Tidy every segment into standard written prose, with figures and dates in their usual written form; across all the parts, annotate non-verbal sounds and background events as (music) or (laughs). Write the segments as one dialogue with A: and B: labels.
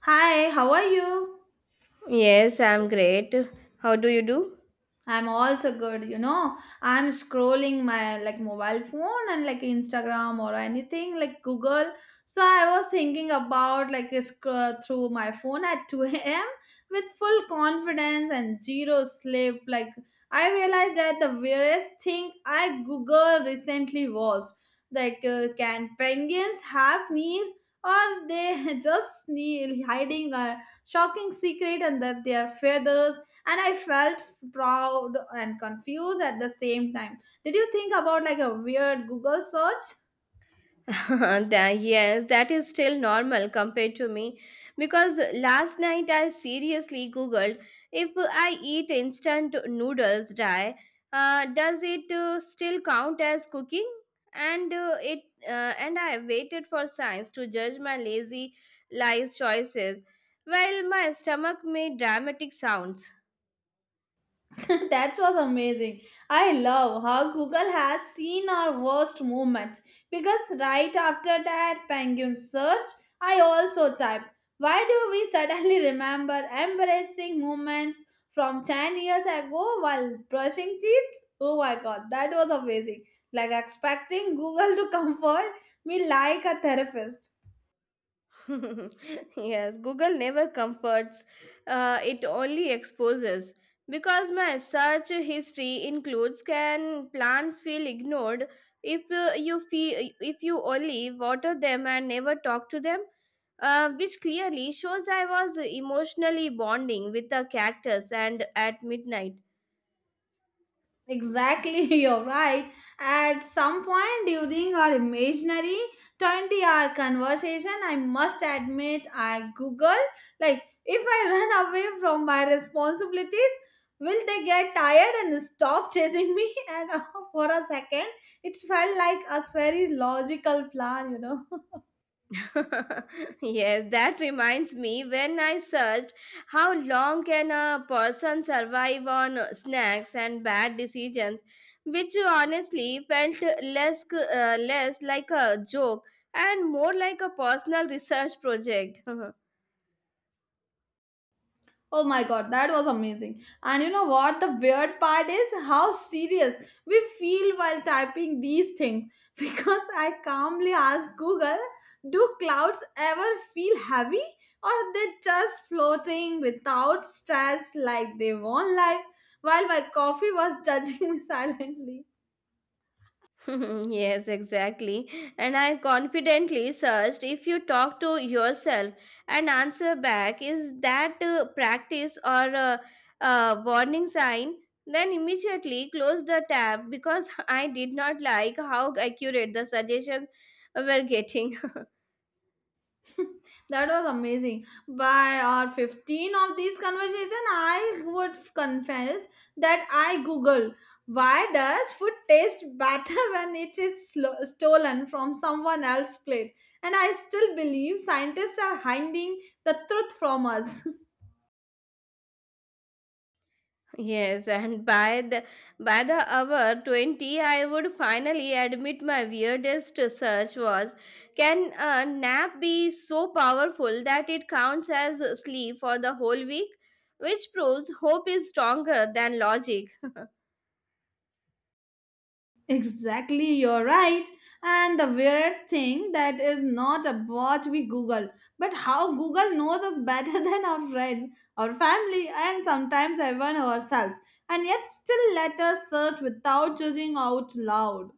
A: Hi, how are you?
B: Yes, I'm great. How do you do?
A: I'm also good, you know. I'm scrolling my like mobile phone and like Instagram or anything like Google. So I was thinking about like scroll through my phone at 2 a.m. with full confidence and zero sleep. Like I realized that the weirdest thing I Google recently was can penguins have knees or they (laughs) just hiding a shocking secret under their feathers? And I felt proud and confused at the same time. Did you think about like a weird Google search?
B: (laughs) That is still normal compared to me because last night I seriously googled if I eat instant noodles dry, does it still count as cooking? And uh, it and I waited for science to judge my lazy life choices, while my stomach made dramatic sounds.
A: (laughs) That was amazing. I love how Google has seen our worst moments, because right after that penguin search I also typed, why do we suddenly remember embarrassing moments from 10 years ago while brushing teeth? Oh my god, that was amazing. Like expecting Google to (laughs) comfort me like a therapist.
B: (laughs) Yes, Google never comforts, it only exposes. Because my search history includes can plants feel ignored if if you only water them and never talk to them, which clearly shows I was emotionally bonding with a cactus and at midnight.
A: Exactly, (laughs) you're right. At some point during our imaginary 20-hour conversation, I must admit I Google like, if I (laughs) run away from my responsibilities, will they get tired and stop chasing me? (laughs) And For a second, it felt like a very logical plan. (laughs)
B: (laughs) Yes, that reminds me when I searched how long can a person survive on snacks and bad decisions, which honestly felt less like a joke and more like a personal research project. (laughs)
A: Oh my god, that was amazing. And you know what? The weird part is how serious we feel while typing these things. (laughs) Because I calmly asked Google, do clouds ever feel heavy or are they just floating without stress like they want life? While my coffee was judging (laughs) me silently.
B: (laughs) Yes, exactly. And I confidently searched if you talk to yourself and answer back, is that practice or a warning sign? Then immediately close the tab because (laughs) I did not like how accurate the suggestions were getting.
A: (laughs) That was amazing. By our 15 of these conversation, I would confess that I Google, why does food taste better (laughs) when it is stolen from someone else's plate? And I still believe scientists are hiding the truth from us.
B: Yes, and by the hour 20, I would finally admit my weirdest search was can a nap be so powerful that it counts as sleep for the whole week? Which proves hope is stronger than logic.
A: Exactly, you're right. And the weirdest thing that is not about we Google, but how Google knows us better (laughs) than our friends, our family, and sometimes even ourselves, and yet still let us search without judging out loud.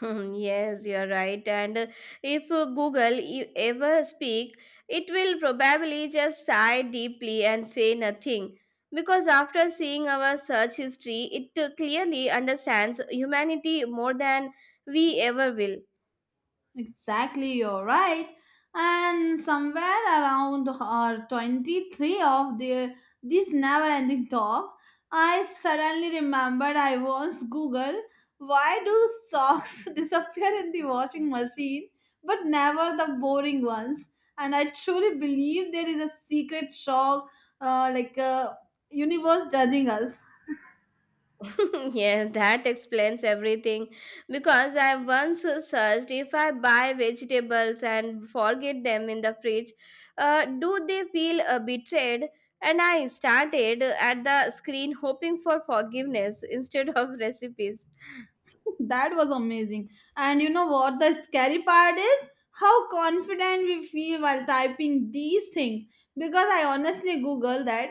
B: Hmm, yes, you're right. And if Google e- ever speak, it will probably just sigh deeply and say nothing. Because after seeing our search history, it clearly understands humanity more than we ever will.
A: Exactly, you're right. And somewhere around our 23 of the this never-ending talk, I suddenly remembered I once Googled, why do socks (laughs) disappear in the washing machine but never the boring ones. And I truly believe there is a secret shock, uh, like uh, universe judging us.
B: (laughs) Yeah, that explains everything. Because I once searched if I buy vegetables and forget them in the fridge, do they feel betrayed? And I started at the screen hoping for forgiveness (laughs) instead of recipes.
A: That was amazing. And you know what the scary part is? How confident we feel while typing these things. Because I honestly Google that,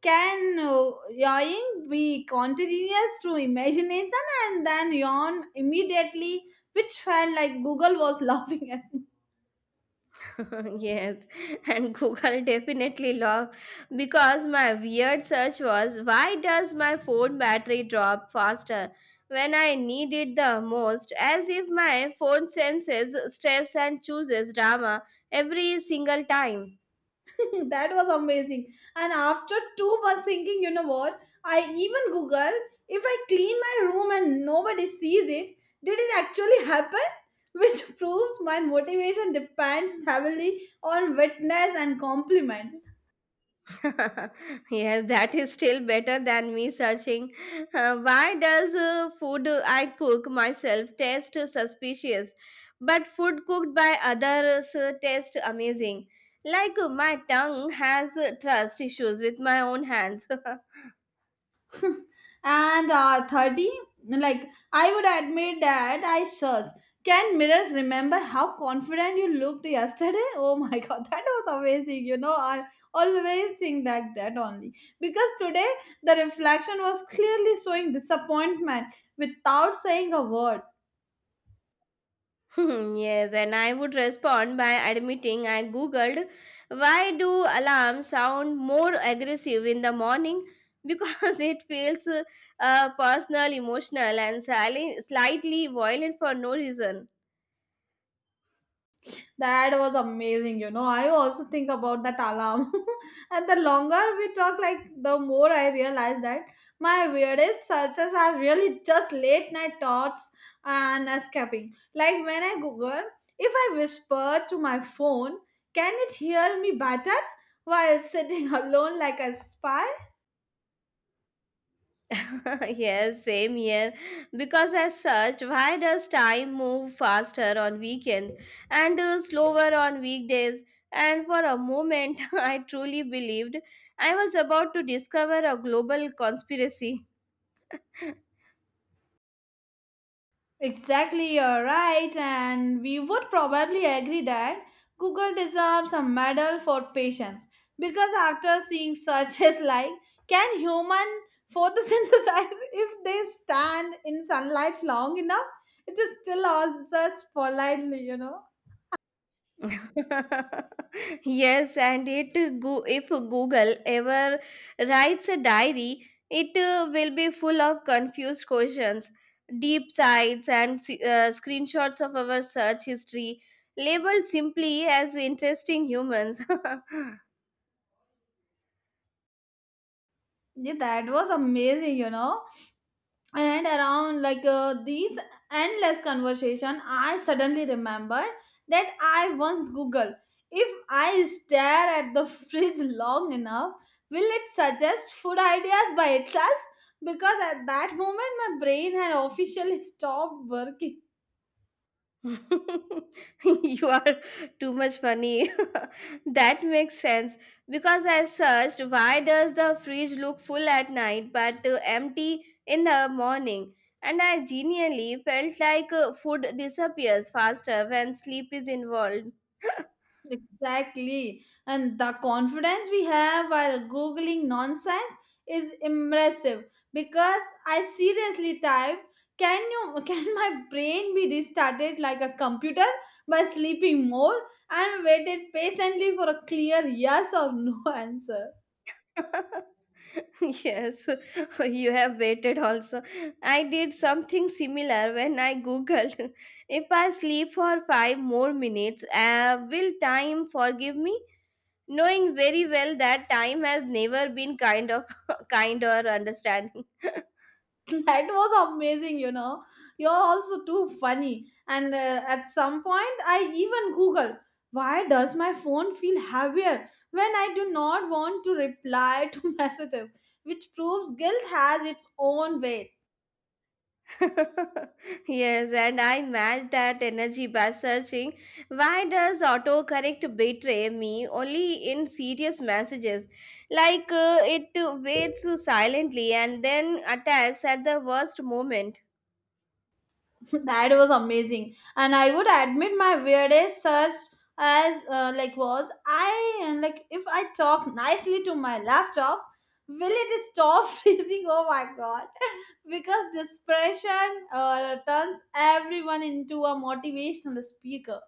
A: can yawning be contagious through imagination and then yawn immediately, which felt like Google was (laughs) laughing at me.
B: (laughs) Yes, and Google definitely lost because my weird search was why does my phone battery drop faster when I need it the most? As if my phone senses stress and chooses drama every single time.
A: (laughs) That was amazing. And after 2 months thinking, you know what? I even Google, if I clean my room and nobody sees it, did it actually happen? (laughs) Which proves my motivation depends heavily on witness and compliments.
B: (laughs) Yes, that is still better than me searching. Why does food I cook myself taste suspicious, but food cooked by others taste amazing? My tongue has trust issues with my own hands. (laughs)
A: (laughs) and 30, like, I would admit that I searched, can mirrors remember how confident you looked yesterday? Oh my (laughs) god, that was amazing. You know, I always think like that only, because today the reflection was clearly showing disappointment without saying a word.
B: (laughs) Yes, and I would respond by admitting I googled why do alarms sound more aggressive in the morning because (laughs) it feels personal, emotional, and slightly violent for no reason.
A: That was amazing, you know. I also think about that alarm. (laughs) And the longer we talk, like the more I realize that my weirdest searches are really just late night thoughts and escaping. Like when I Google, if I whisper to my phone, can it hear me better while sitting (laughs) alone like a spy?
B: (laughs) Yes, same here. Because I searched why does time move faster on weekends and slower on weekdays, and for a moment (laughs) I truly believed I was about to discover a global conspiracy.
A: Exactly, you're right, and we would probably agree that Google deserves a medal for patience, because after seeing searches (laughs) like, can human photosynthesize (laughs) if they stand in sunlight long enough, it is still answers politely, you know.
B: (laughs) Yes, and it go if Google ever writes a diary, it will be full of confused questions, deep sites, and screenshots of our search history, labeled simply as interesting humans. (laughs)
A: Yeah, that was amazing, you know. And around these endless conversation, I suddenly remember that I once Google, if I stare at the fridge long enough, will it suggest food ideas by itself? Because at that moment my brain had officially (laughs) stopped working.
B: (laughs) You are too much funny. (laughs) That makes sense because I searched why does the fridge look full at night but empty in the morning and I genuinely felt like food disappears faster when sleep is involved.
A: Exactly. And the confidence we have while Googling nonsense is impressive, because I seriously typed, can you (laughs) can my brain be restarted like a computer by sleeping more, and waited patiently for a clear yes or no (laughs) answer?
B: (laughs) Yes, (laughs) you have waited also. I did something similar when I googled (laughs) if I sleep for 5 more minutes, will time forgive me? Knowing very well that time has never been kind of (laughs) kind or understanding. (laughs)
A: (laughs) That was amazing, you know. You're also too funny. And At some point I even Google, why does my phone feel heavier when I do not want to reply to (laughs) messages, which proves guilt has its own weight.
B: Yes, and I matched that energy by searching why does autocorrect betray me only in serious messages, it waits silently and then attacks at the worst moment.
A: (laughs) That was amazing, and I would admit my weirdest search as like was I and like if I talk nicely to my laptop, will it stop (laughs) freezing? Oh my god. (laughs) Because this pressure turns everyone into a motivational speaker.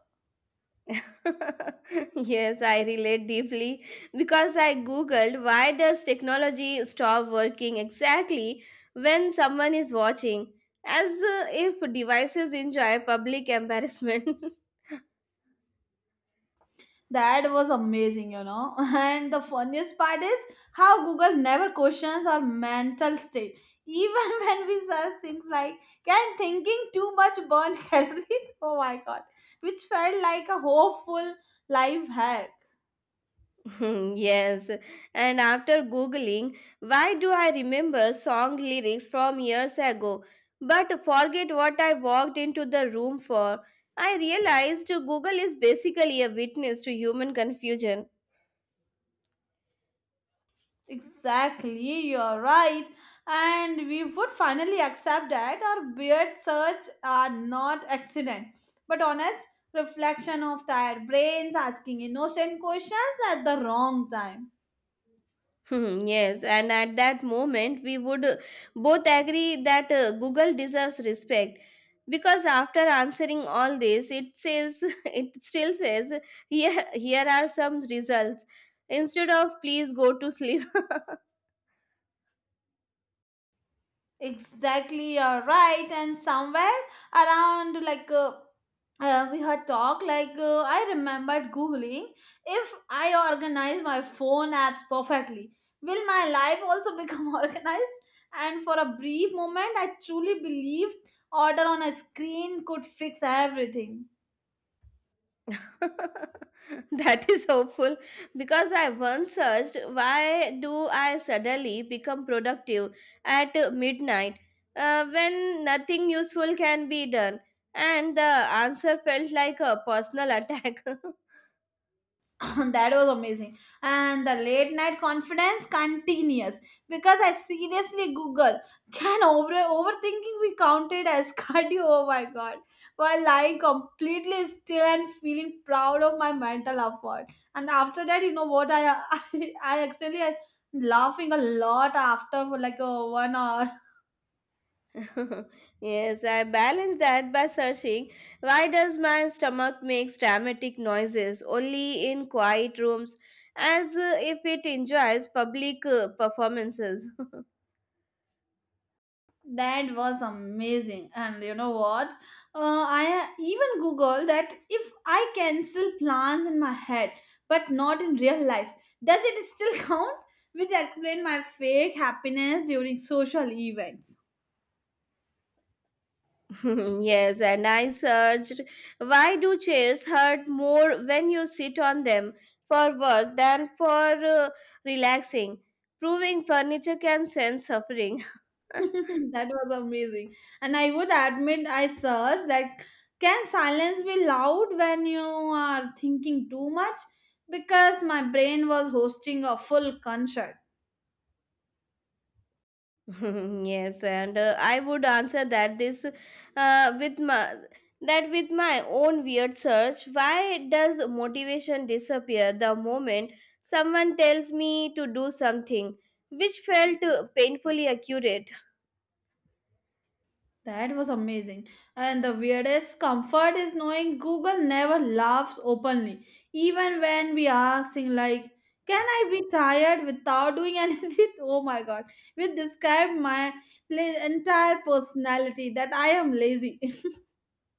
B: (laughs) Yes, I relate deeply because I googled why does technology stop working exactly when someone is watching, as if devices enjoy public embarrassment. (laughs)
A: That was amazing, you know. (laughs) And the funniest part is how Google never questions our mental state. Even (laughs) when we search things like, can thinking too much burn (laughs) calories? Oh my god. Which felt like a hopeful life hack.
B: Yes, and after googling, why do I remember song lyrics from years ago but forget what I walked into the room for? I realized Google is basically a witness to human confusion.
A: Exactly, you're right. And we would finally accept that our beard search are not accident, but honest reflection of tired brains asking innocent questions at the wrong time.
B: Hmm, yes, and at that moment, we would both agree that Google deserves respect because after answering all this, it says (laughs) it still says here are some results instead of please go to sleep.
A: Exactly, you're right. And somewhere around, we had talked. Like I remembered googling, if I organize my phone apps perfectly, will my life also become (laughs) organized? And for a brief moment I truly believed order on a screen could fix everything.
B: (laughs) That is hopeful because I once searched why do I suddenly become productive at midnight when nothing useful can be done, and the answer felt like a personal attack.
A: (laughs) That was amazing. And the late night confidence continues because I seriously Google, can overthinking be counted as (laughs) cardio? Oh my god! While lying completely still and feeling proud of my mental effort. And after that, you know what? I (laughs) I actually laughing a lot after for like a 1 hour.
B: (laughs) Yes, I balanced that by searching why does my stomach makes dramatic noises only in quiet rooms, as if it enjoys public performances.
A: That was amazing. And you know what? I even Google that, if I cancel plans in my head but not in real life, does it still (laughs) count? Which explain my fake happiness during social events.
B: (laughs) Yes, and I searched why do chairs hurt more when you sit on them for work than for relaxing, proving furniture can sense suffering. (laughs) (laughs)
A: (laughs) That was amazing. And I would admit I searched that, can silence be loud when you are thinking too much? Because my brain was hosting a full concert.
B: Yes, and I would answer that this with my that with my own weird search. Why does motivation disappear the moment someone tells me to do something, which felt painfully accurate?
A: That was amazing. And the weirdest comfort is knowing Google never laughs openly. Even when we ask things like, can I be tired without doing anything? (laughs) Oh my god. Which describe my entire personality that I am lazy.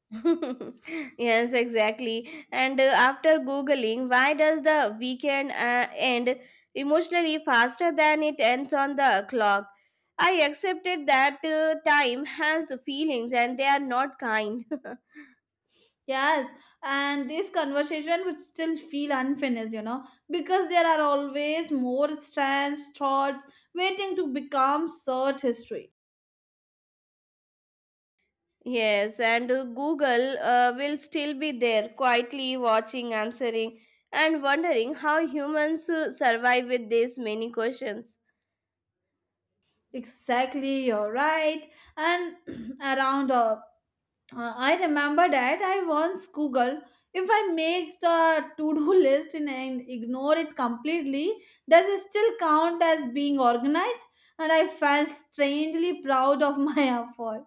B: (laughs) Yes, exactly. And after Googling, why does the weekend end emotionally faster than it ends on the clock? I accepted that time has feelings and they are not kind. (laughs)
A: (laughs) Yes. And this conversation would still feel unfinished, you know, because there are always more strands, thoughts waiting to become search history.
B: Yes, and Google will still be there, quietly watching, answering, and wondering how humans survive with these many questions.
A: Exactly, you're right. And (clears throat) around, I remember that I once Google, if I make the to-do (laughs) list and ignore it completely, does it still count as being organized? And I felt strangely proud of my (laughs) effort.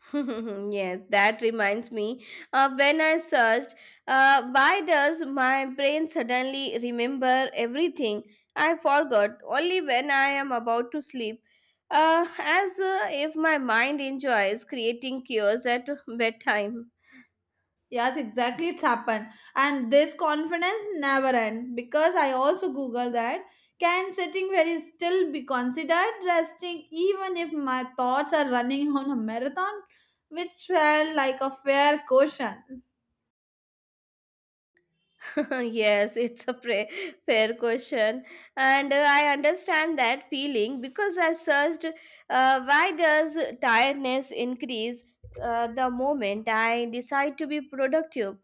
B: (laughs) Yes, that reminds me. When I searched, why does my brain suddenly remember everything? I forgot only when I am about to sleep. As if my mind enjoys creating cures at bedtime.
A: Yes, exactly. It's happened. And this confidence never ends because I also Google that, can sitting very still be considered resting even if my thoughts are running (laughs) on a marathon, which felt like a fair question.
B: (laughs) Yes, it's a pre- fair question, and I understand that feeling because I searched why does tiredness increase the moment I decide to be productive.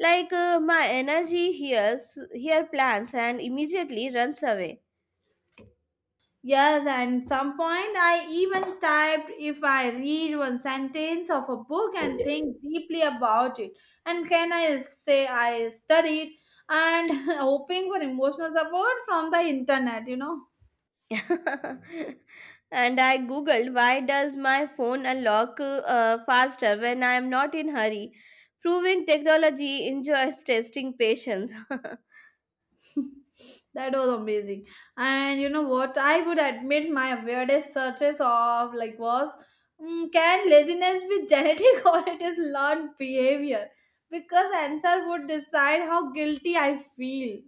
B: My energy hears here plans and immediately runs away.
A: Yes, and some point I even typed, if I read one sentence of a book and think deeply about it. And can I say I studied, and (laughs) hoping for emotional support from the internet, you know?
B: (laughs) And I googled why does my phone unlock faster when I am not in hurry, proving technology enjoys testing patience. (laughs)
A: (laughs) That was amazing. And you know what, I would admit my weirdest searches of like was, can laziness be genetic (laughs) or it is learned behavior? Because answer would decide how guilty I feel.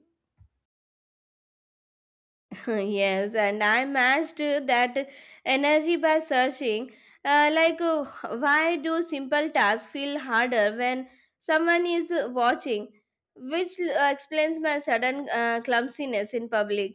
B: (laughs) Yes, and I matched that energy by searching. Uh, like, uh, why do simple tasks feel harder when someone is watching? Which explains my sudden clumsiness in public.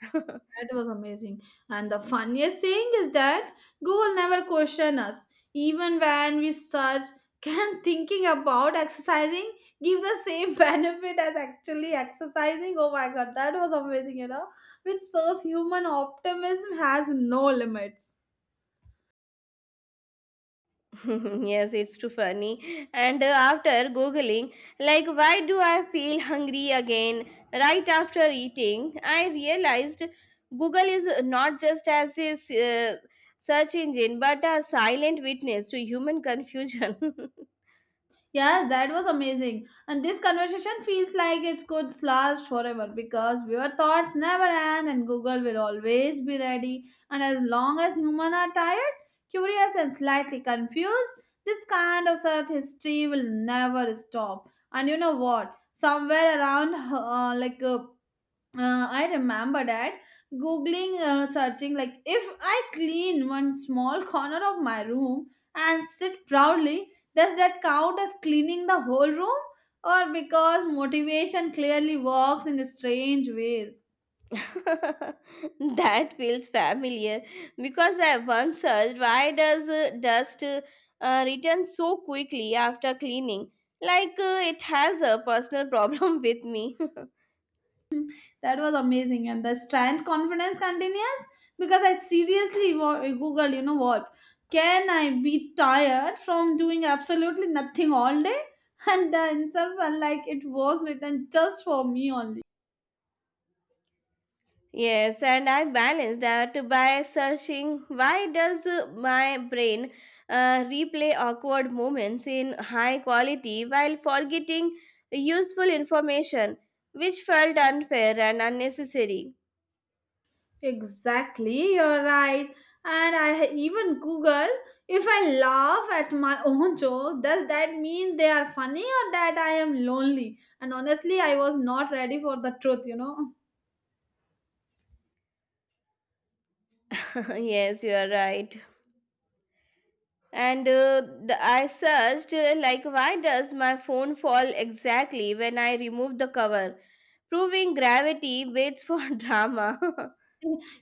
B: (laughs)
A: That was amazing. And the funniest thing is that Google never questioned us. Even when we search, (laughs) can thinking about exercising give the same (laughs) benefit as actually exercising? Oh my god, that was amazing, you know, which shows human optimism has no limits.
B: (laughs) Yes, it's too funny. And after googling, like, why do I feel hungry again right after eating? I realized Google is not just as a search engine but a silent witness to human confusion.
A: Yes, that was amazing. And this conversation feels like it could last forever because your thoughts never end and Google will always be ready. And as long as humans are tired, curious, and slightly confused, this kind of search history will never stop. And you know what? Somewhere around I remember that googling, searching like, if I clean one small corner of my room and sit proudly, does that count as cleaning the whole room? Or because motivation clearly works in strange ways.
B: (laughs) That feels familiar because I once searched why does dust return so quickly after cleaning? It has a personal problem (laughs) with me.
A: That was amazing, and the strength confidence continues because I seriously googled, you know what? Can I be tired from doing absolutely nothing all day? (laughs) And the answer felt like it was written just for me only.
B: Yes, and I balance that by searching why does my brain replay awkward moments in high quality while forgetting useful information, which felt unfair and unnecessary.
A: Exactly, you're right. And I even Google, if I laugh at my (laughs) own joke, does that mean they are funny or that I am lonely? And honestly, I was not ready for the truth, you know.
B: (laughs) Yes, you are right. And I searched like why does my phone fall exactly when I remove the cover, proving gravity waits for (laughs) drama.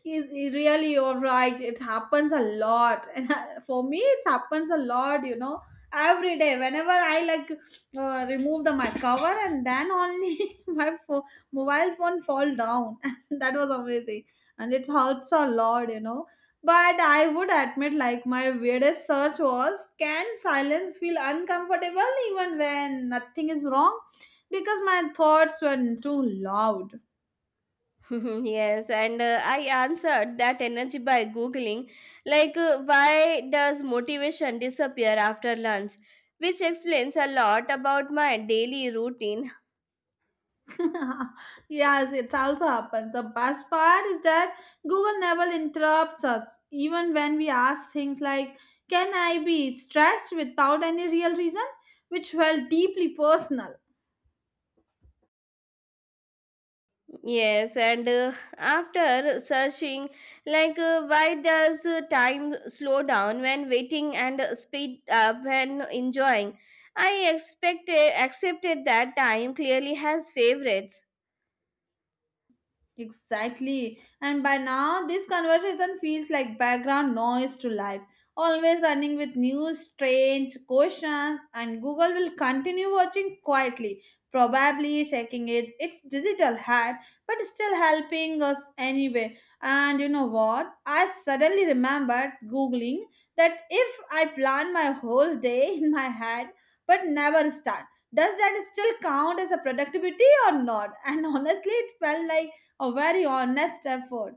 A: Is really, you're right. It happens a lot, (laughs) and for me, it happens a lot. You know, every day. Whenever I like remove the my cover, and then only (laughs) my mobile phone fall down. (laughs) That was amazing, and it hurts a lot. You know, but I would admit, like my weirdest search was: Can silence feel uncomfortable even when nothing is wrong? Because my thoughts were too loud.
B: (laughs) Yes, and I answered that energy by Googling, why does motivation disappear after lunch? Which explains a lot about my daily routine.
A: (laughs) Yes, it's also happened. The best part is that Google never interrupts us, even when we ask things like, Can I be stressed without any real reason? Which felt deeply personal.
B: Yes, and after searching, why does time slow down when waiting and speed up when enjoying? I expected accepted that time clearly has favorites.
A: Exactly. And by now, this conversation feels like background noise to life, always running with new strange questions, and Google will continue watching quietly, probably shaking it its digital hat, but still helping us anyway. And you know what? I suddenly remembered Googling that if I plan my whole day in my head but never start, does that still count as a productivity or not? (laughs) And honestly, it felt like a very honest effort.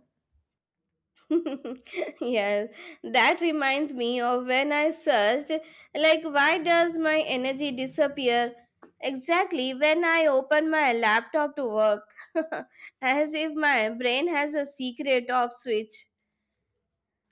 B: (laughs) Yes, that reminds me of when I searched, like, why does my energy disappear exactly when I open my laptop to work? (laughs) As if my brain has a secret off switch.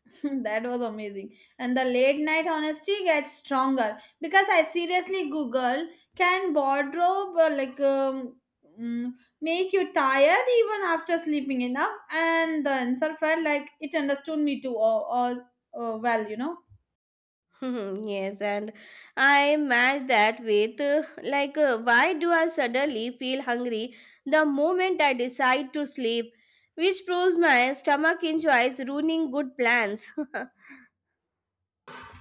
A: (laughs) That was amazing. And the late night honesty gets stronger because I seriously Google can wardrobe like mm, make you tired even after sleeping enough, and the answer felt like it understood me too or uh, well, you know.
B: (laughs) Yes, and I match that with, why do I suddenly feel hungry the moment I decide to sleep? Which proves my stomach enjoys ruining good plans. (laughs)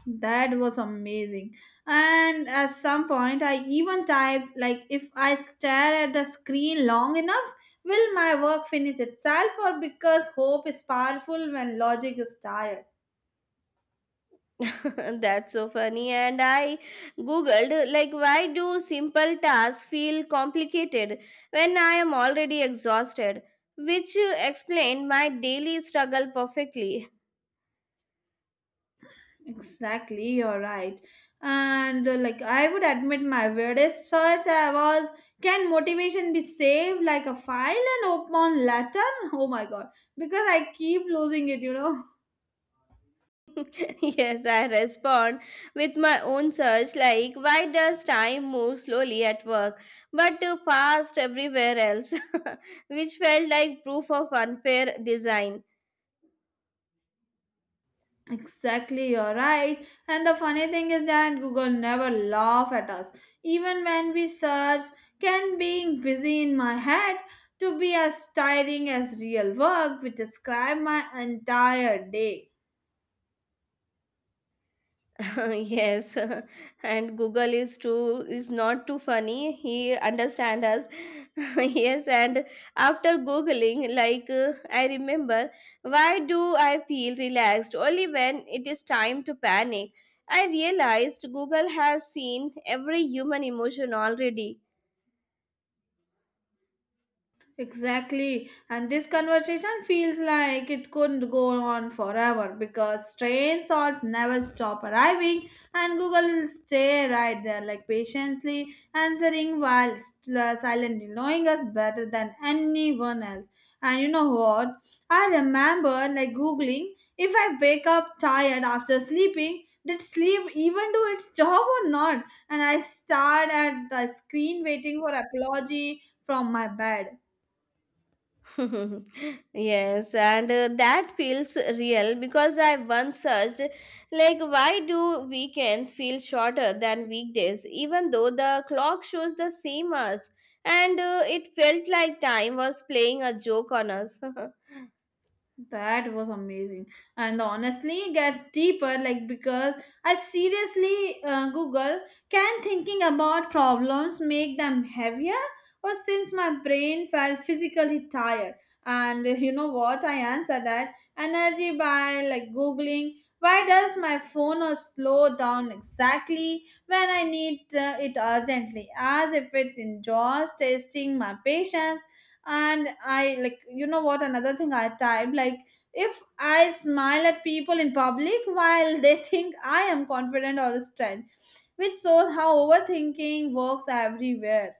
A: That was amazing. And at some point, I even typed, like, if I stare at the screen long enough, will my work finish itself? Or because hope is powerful when logic is tired?
B: (laughs) That's so funny. And I googled, like, why do simple tasks feel complicated when I am already exhausted? Which explained my daily struggle perfectly.
A: Exactly, you're right. And like, I would admit my weirdest search I was can motivation be saved like a file and open later? (laughs) Oh my god, because I keep losing it, you know. (laughs)
B: (laughs) Yes, I respond with my own search, like, why does time move slowly at work but too fast everywhere else? (laughs) Which felt like proof of unfair design.
A: Exactly, you're right. And the funny thing is that Google never laugh at us. Even when we search, can being busy in my head to be as tiring as real work, which describe my entire day.
B: (laughs) Yes, (laughs) and Google is too is not too funny, he understand us. (laughs) Yes, and after googling, I remember why do I feel relaxed only when it is time to panic. I realized Google has seen every human emotion already.
A: Exactly. And this conversation feels like it couldn't go on forever because train thoughts never stop arriving and Google will stay right there like patiently answering while silently knowing us better than anyone else. And you know what? I remember like Googling if I wake up tired after sleeping, did sleep even do its job or not? And I stared at the screen waiting for apology from my bed.
B: (laughs) Yes, and that feels real because I once searched, like, why do weekends feel shorter than weekdays, even though the clock shows the same hours? And it felt like time was playing a joke on us. (laughs)
A: That was amazing. And honestly, it gets deeper like because I seriously Google can thinking about problems make them heavier or since my brain felt physically tired. And (laughs) you know what? I answer that energy by like Googling why does my phone or slow down exactly when I need it urgently as if it enjoys testing my patience. And I like, you know what, another thing I type like if I smile at people in public while they (laughs) think I am confident or strength, which shows how overthinking works everywhere.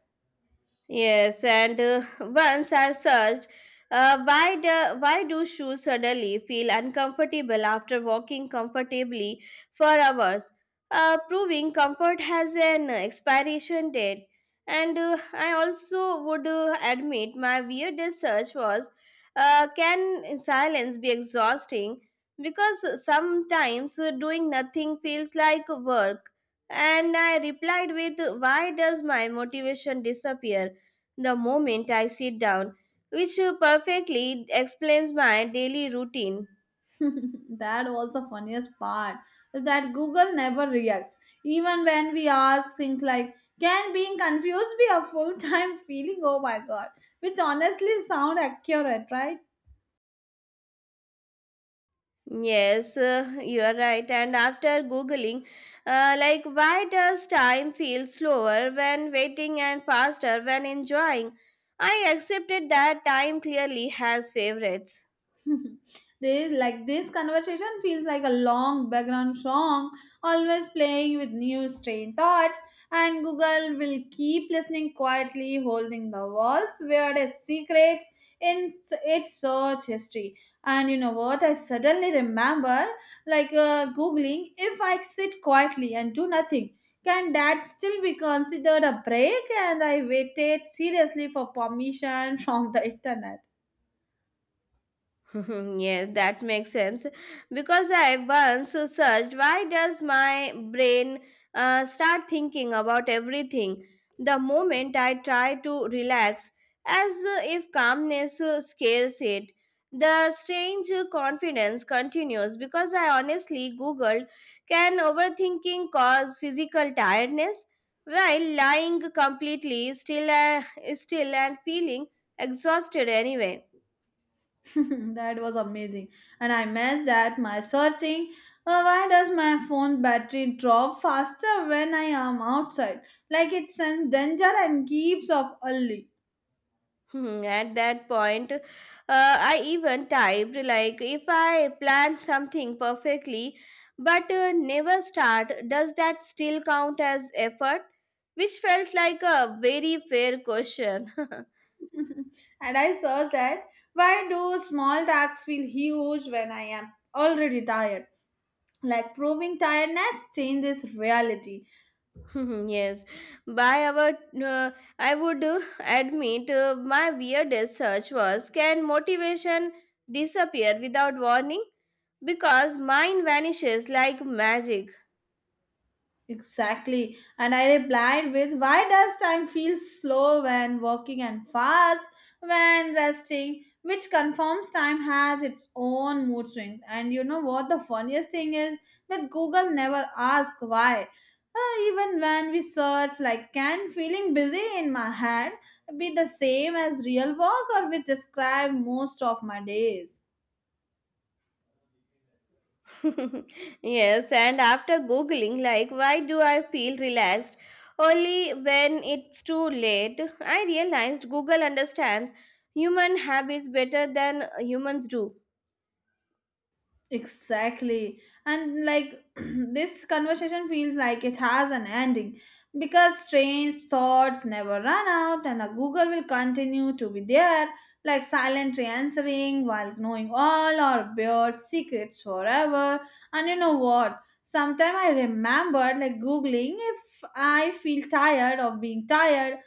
B: Yes, and once I searched, why do shoes suddenly feel uncomfortable after walking comfortably for hours? Proving comfort has an expiration date. And I also would admit my weirdest search was can silence be exhausting? Because sometimes doing nothing feels like work. And I replied with why does my motivation disappear the moment I sit down, which perfectly explains my daily routine.
A: (laughs) That was the funniest part is that Google never reacts even when we ask things like can being confused be a full-time (laughs) feeling. Oh my god, which honestly sound accurate, right?
B: Yes, you are right. And after Googling, why does time feel slower when waiting and faster when enjoying? I accepted that time clearly has favorites.
A: (laughs) This like this conversation feels like a long background song, always playing with new strange thoughts. And Google will keep listening quietly, holding the walls where the secrets in its search history. And you know what? I suddenly remember, like googling, if I sit quietly and do nothing, can that still be considered a break? And I waited seriously for permission (laughs) from the internet.
B: (laughs) Yes, that makes sense. Because I once searched why does my brain start thinking about everything the moment I try to relax, as if calmness scares it. The strange confidence continues because I honestly googled can overthinking cause physical tiredness while lying completely still and feeling exhausted anyway.
A: (laughs) That was amazing. And I missed that my searching. Why does my phone battery drop faster when I am outside? Like it senses danger and keeps off early.
B: Hmm. At that point, I even typed like if I plan something perfectly but never start, does that still count as effort? Which felt like a very fair question. (laughs)
A: (laughs) And I searched that. Why do small tasks feel huge when I am already tired? Like proving tiredness changes reality.
B: (laughs) Yes, by our, uh, I would admit my weirdest search was can motivation disappear without warning? Because mine vanishes like magic.
A: Exactly. And I replied with, why does time feel slow when walking and fast when resting? Which confirms time has its own mood swings. And you know what? The funniest thing is that Google never asks why. Even when we search, like, can feeling busy in my head be the same as real work or we describe most of my days?
B: (laughs) Yes, and after Googling, like, why do I feel relaxed only when it's too late, I realized Google understands human habits better than humans do.
A: Exactly. And like (clears throat) this conversation feels like it has an ending because strange thoughts never run out and a Google will continue to be there, like silently answering while knowing all our weird secrets forever. And you know what? Sometime I remember like Googling if I feel tired of being tired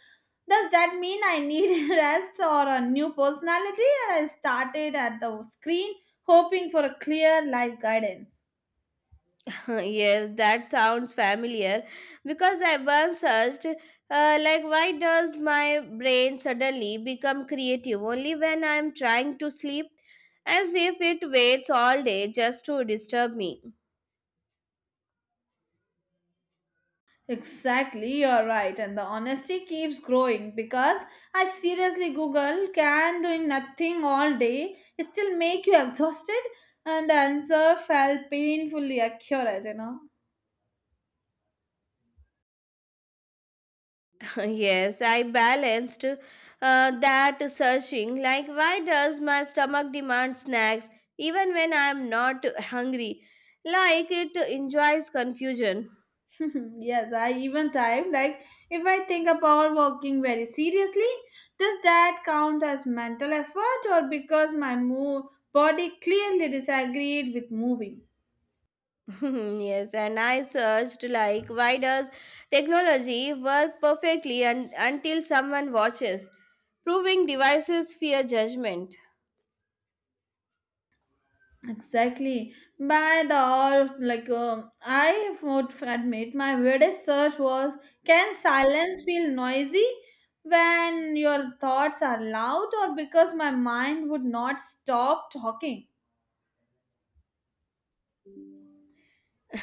A: does that mean I need (laughs) rest or a new personality? And I started at the screen hoping for a clear life guidance.
B: (laughs) Yes, that sounds familiar because I once searched, why does my brain suddenly become creative only when I'm trying to sleep? As if it waits all day just to disturb me.
A: Exactly, you're right, and the honesty keeps growing because I seriously Google can doing nothing all day still make you exhausted? And the answer felt painfully accurate, you know.
B: (laughs) Yes, I balanced that searching. Like, why does my stomach demand snacks even when I am not hungry? Like, it enjoys confusion.
A: (laughs) Mhm. Yes, I even type like if I think about working very seriously, does that count as mental effort or because my move body clearly disagreed with moving?
B: (laughs) Yes, and I searched, like, why does technology work perfectly un- until someone watches? Proving devices fear judgment.
A: Exactly. By the hour, like I would admit, my weirdest search was: Can silence feel noisy when your thoughts are loud, or because my mind would not stop talking?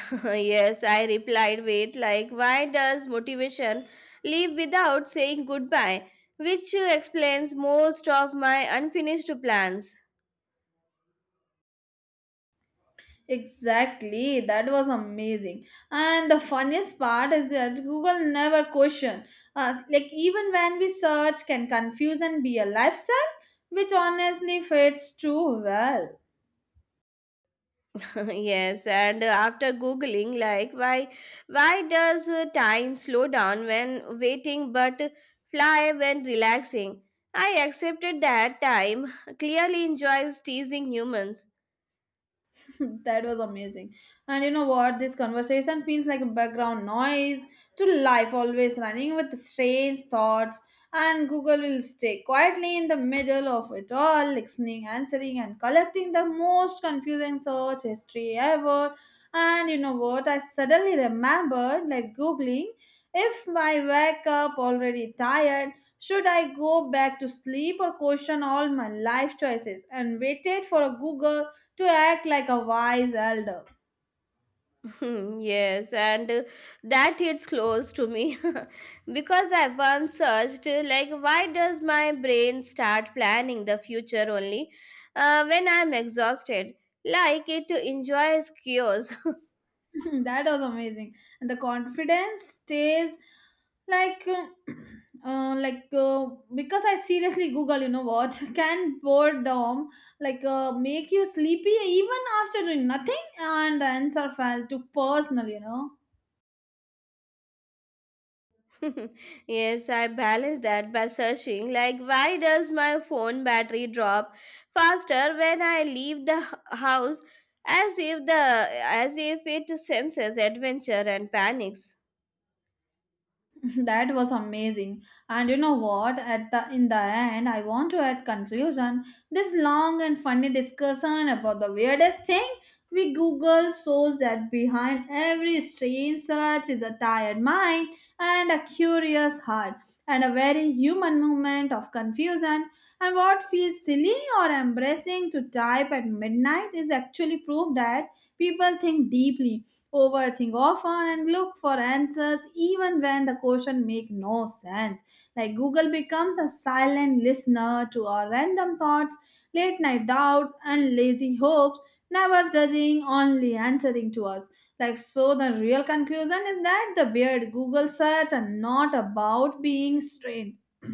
B: (laughs) Yes, I replied, wait, like, why does motivation leave without saying goodbye? Which explains most of my unfinished plans.
A: Exactly, that was amazing. And the funniest part is that Google never question us. Like even when we search can confuse and be a lifestyle, which honestly fits too well.
B: (laughs) Yes, and after googling, like, why does time slow down when waiting but fly when relaxing? I accepted that time (laughs) clearly enjoys teasing humans.
A: (laughs) That was amazing. And you know what? This conversation feels like a background noise to life, always running with strange thoughts. And Google will stay quietly in the middle of it all, listening, answering, and collecting the most confusing search history ever. And you know what? I suddenly remembered, like Googling, if I wake up already tired, should I go back to sleep or question all my life choices? And waited for a Google to act like a wise elder.
B: (laughs) Hmm. Yes, and that hits close to me (laughs) because I once searched like why does my brain start planning the future only when I'm exhausted, like it enjoys cures. (laughs)
A: (laughs) That was amazing. And the confidence stays like, (clears throat) uh, like uh, because I seriously Google, you know what? (laughs) Can boredom make you sleepy even after doing nothing? And the answer felt too personal, you know.
B: Yes, I balance that by searching like why does my phone battery drop faster when I leave the h- house, as if the as if it senses adventure and panics.
A: (laughs) That was amazing. And you know what? At the in the end, I want to add conclusion. This long and funny discussion about the weirdest thing we Google shows that behind every strange search is a tired mind and a curious heart and a very human moment of confusion. And what feels silly or embarrassing to type at midnight is actually proof that people think deeply, overthink often and look for answers even when the question make no sense. Like Google becomes a silent listener to our random thoughts, late night doubts and lazy hopes, never judging, only answering to us. Like so the real conclusion is that the weird Google search are not about being strange. (clears throat)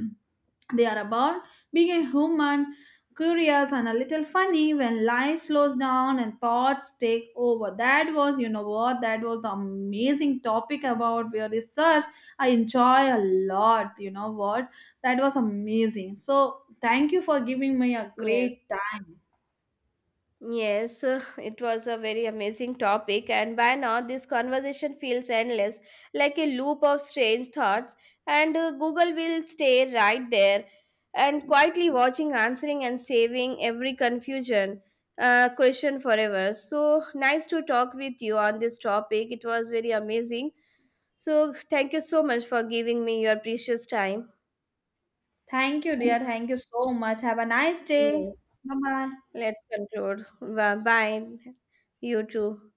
A: They are about being a human, curious and a little funny when life slows down and thoughts take over. That was, you know what, that was the amazing topic about your research. I enjoy a lot, you know what. That was amazing. So thank you for giving me a
B: Yes.
A: great time.
B: Yes, (laughs) it was a very amazing topic, and by now this conversation feels endless, like a loop of strange thoughts. And Google will stay right there and quietly watching, answering, and saving every confusion question forever. So nice to talk with you on this topic. It was very amazing. So thank you so much for giving me your precious time.
A: Thank you, dear. Thank you so much. Have a nice day.
B: Yeah.
A: Bye bye.
B: Let's conclude. Bye. Bye. You too.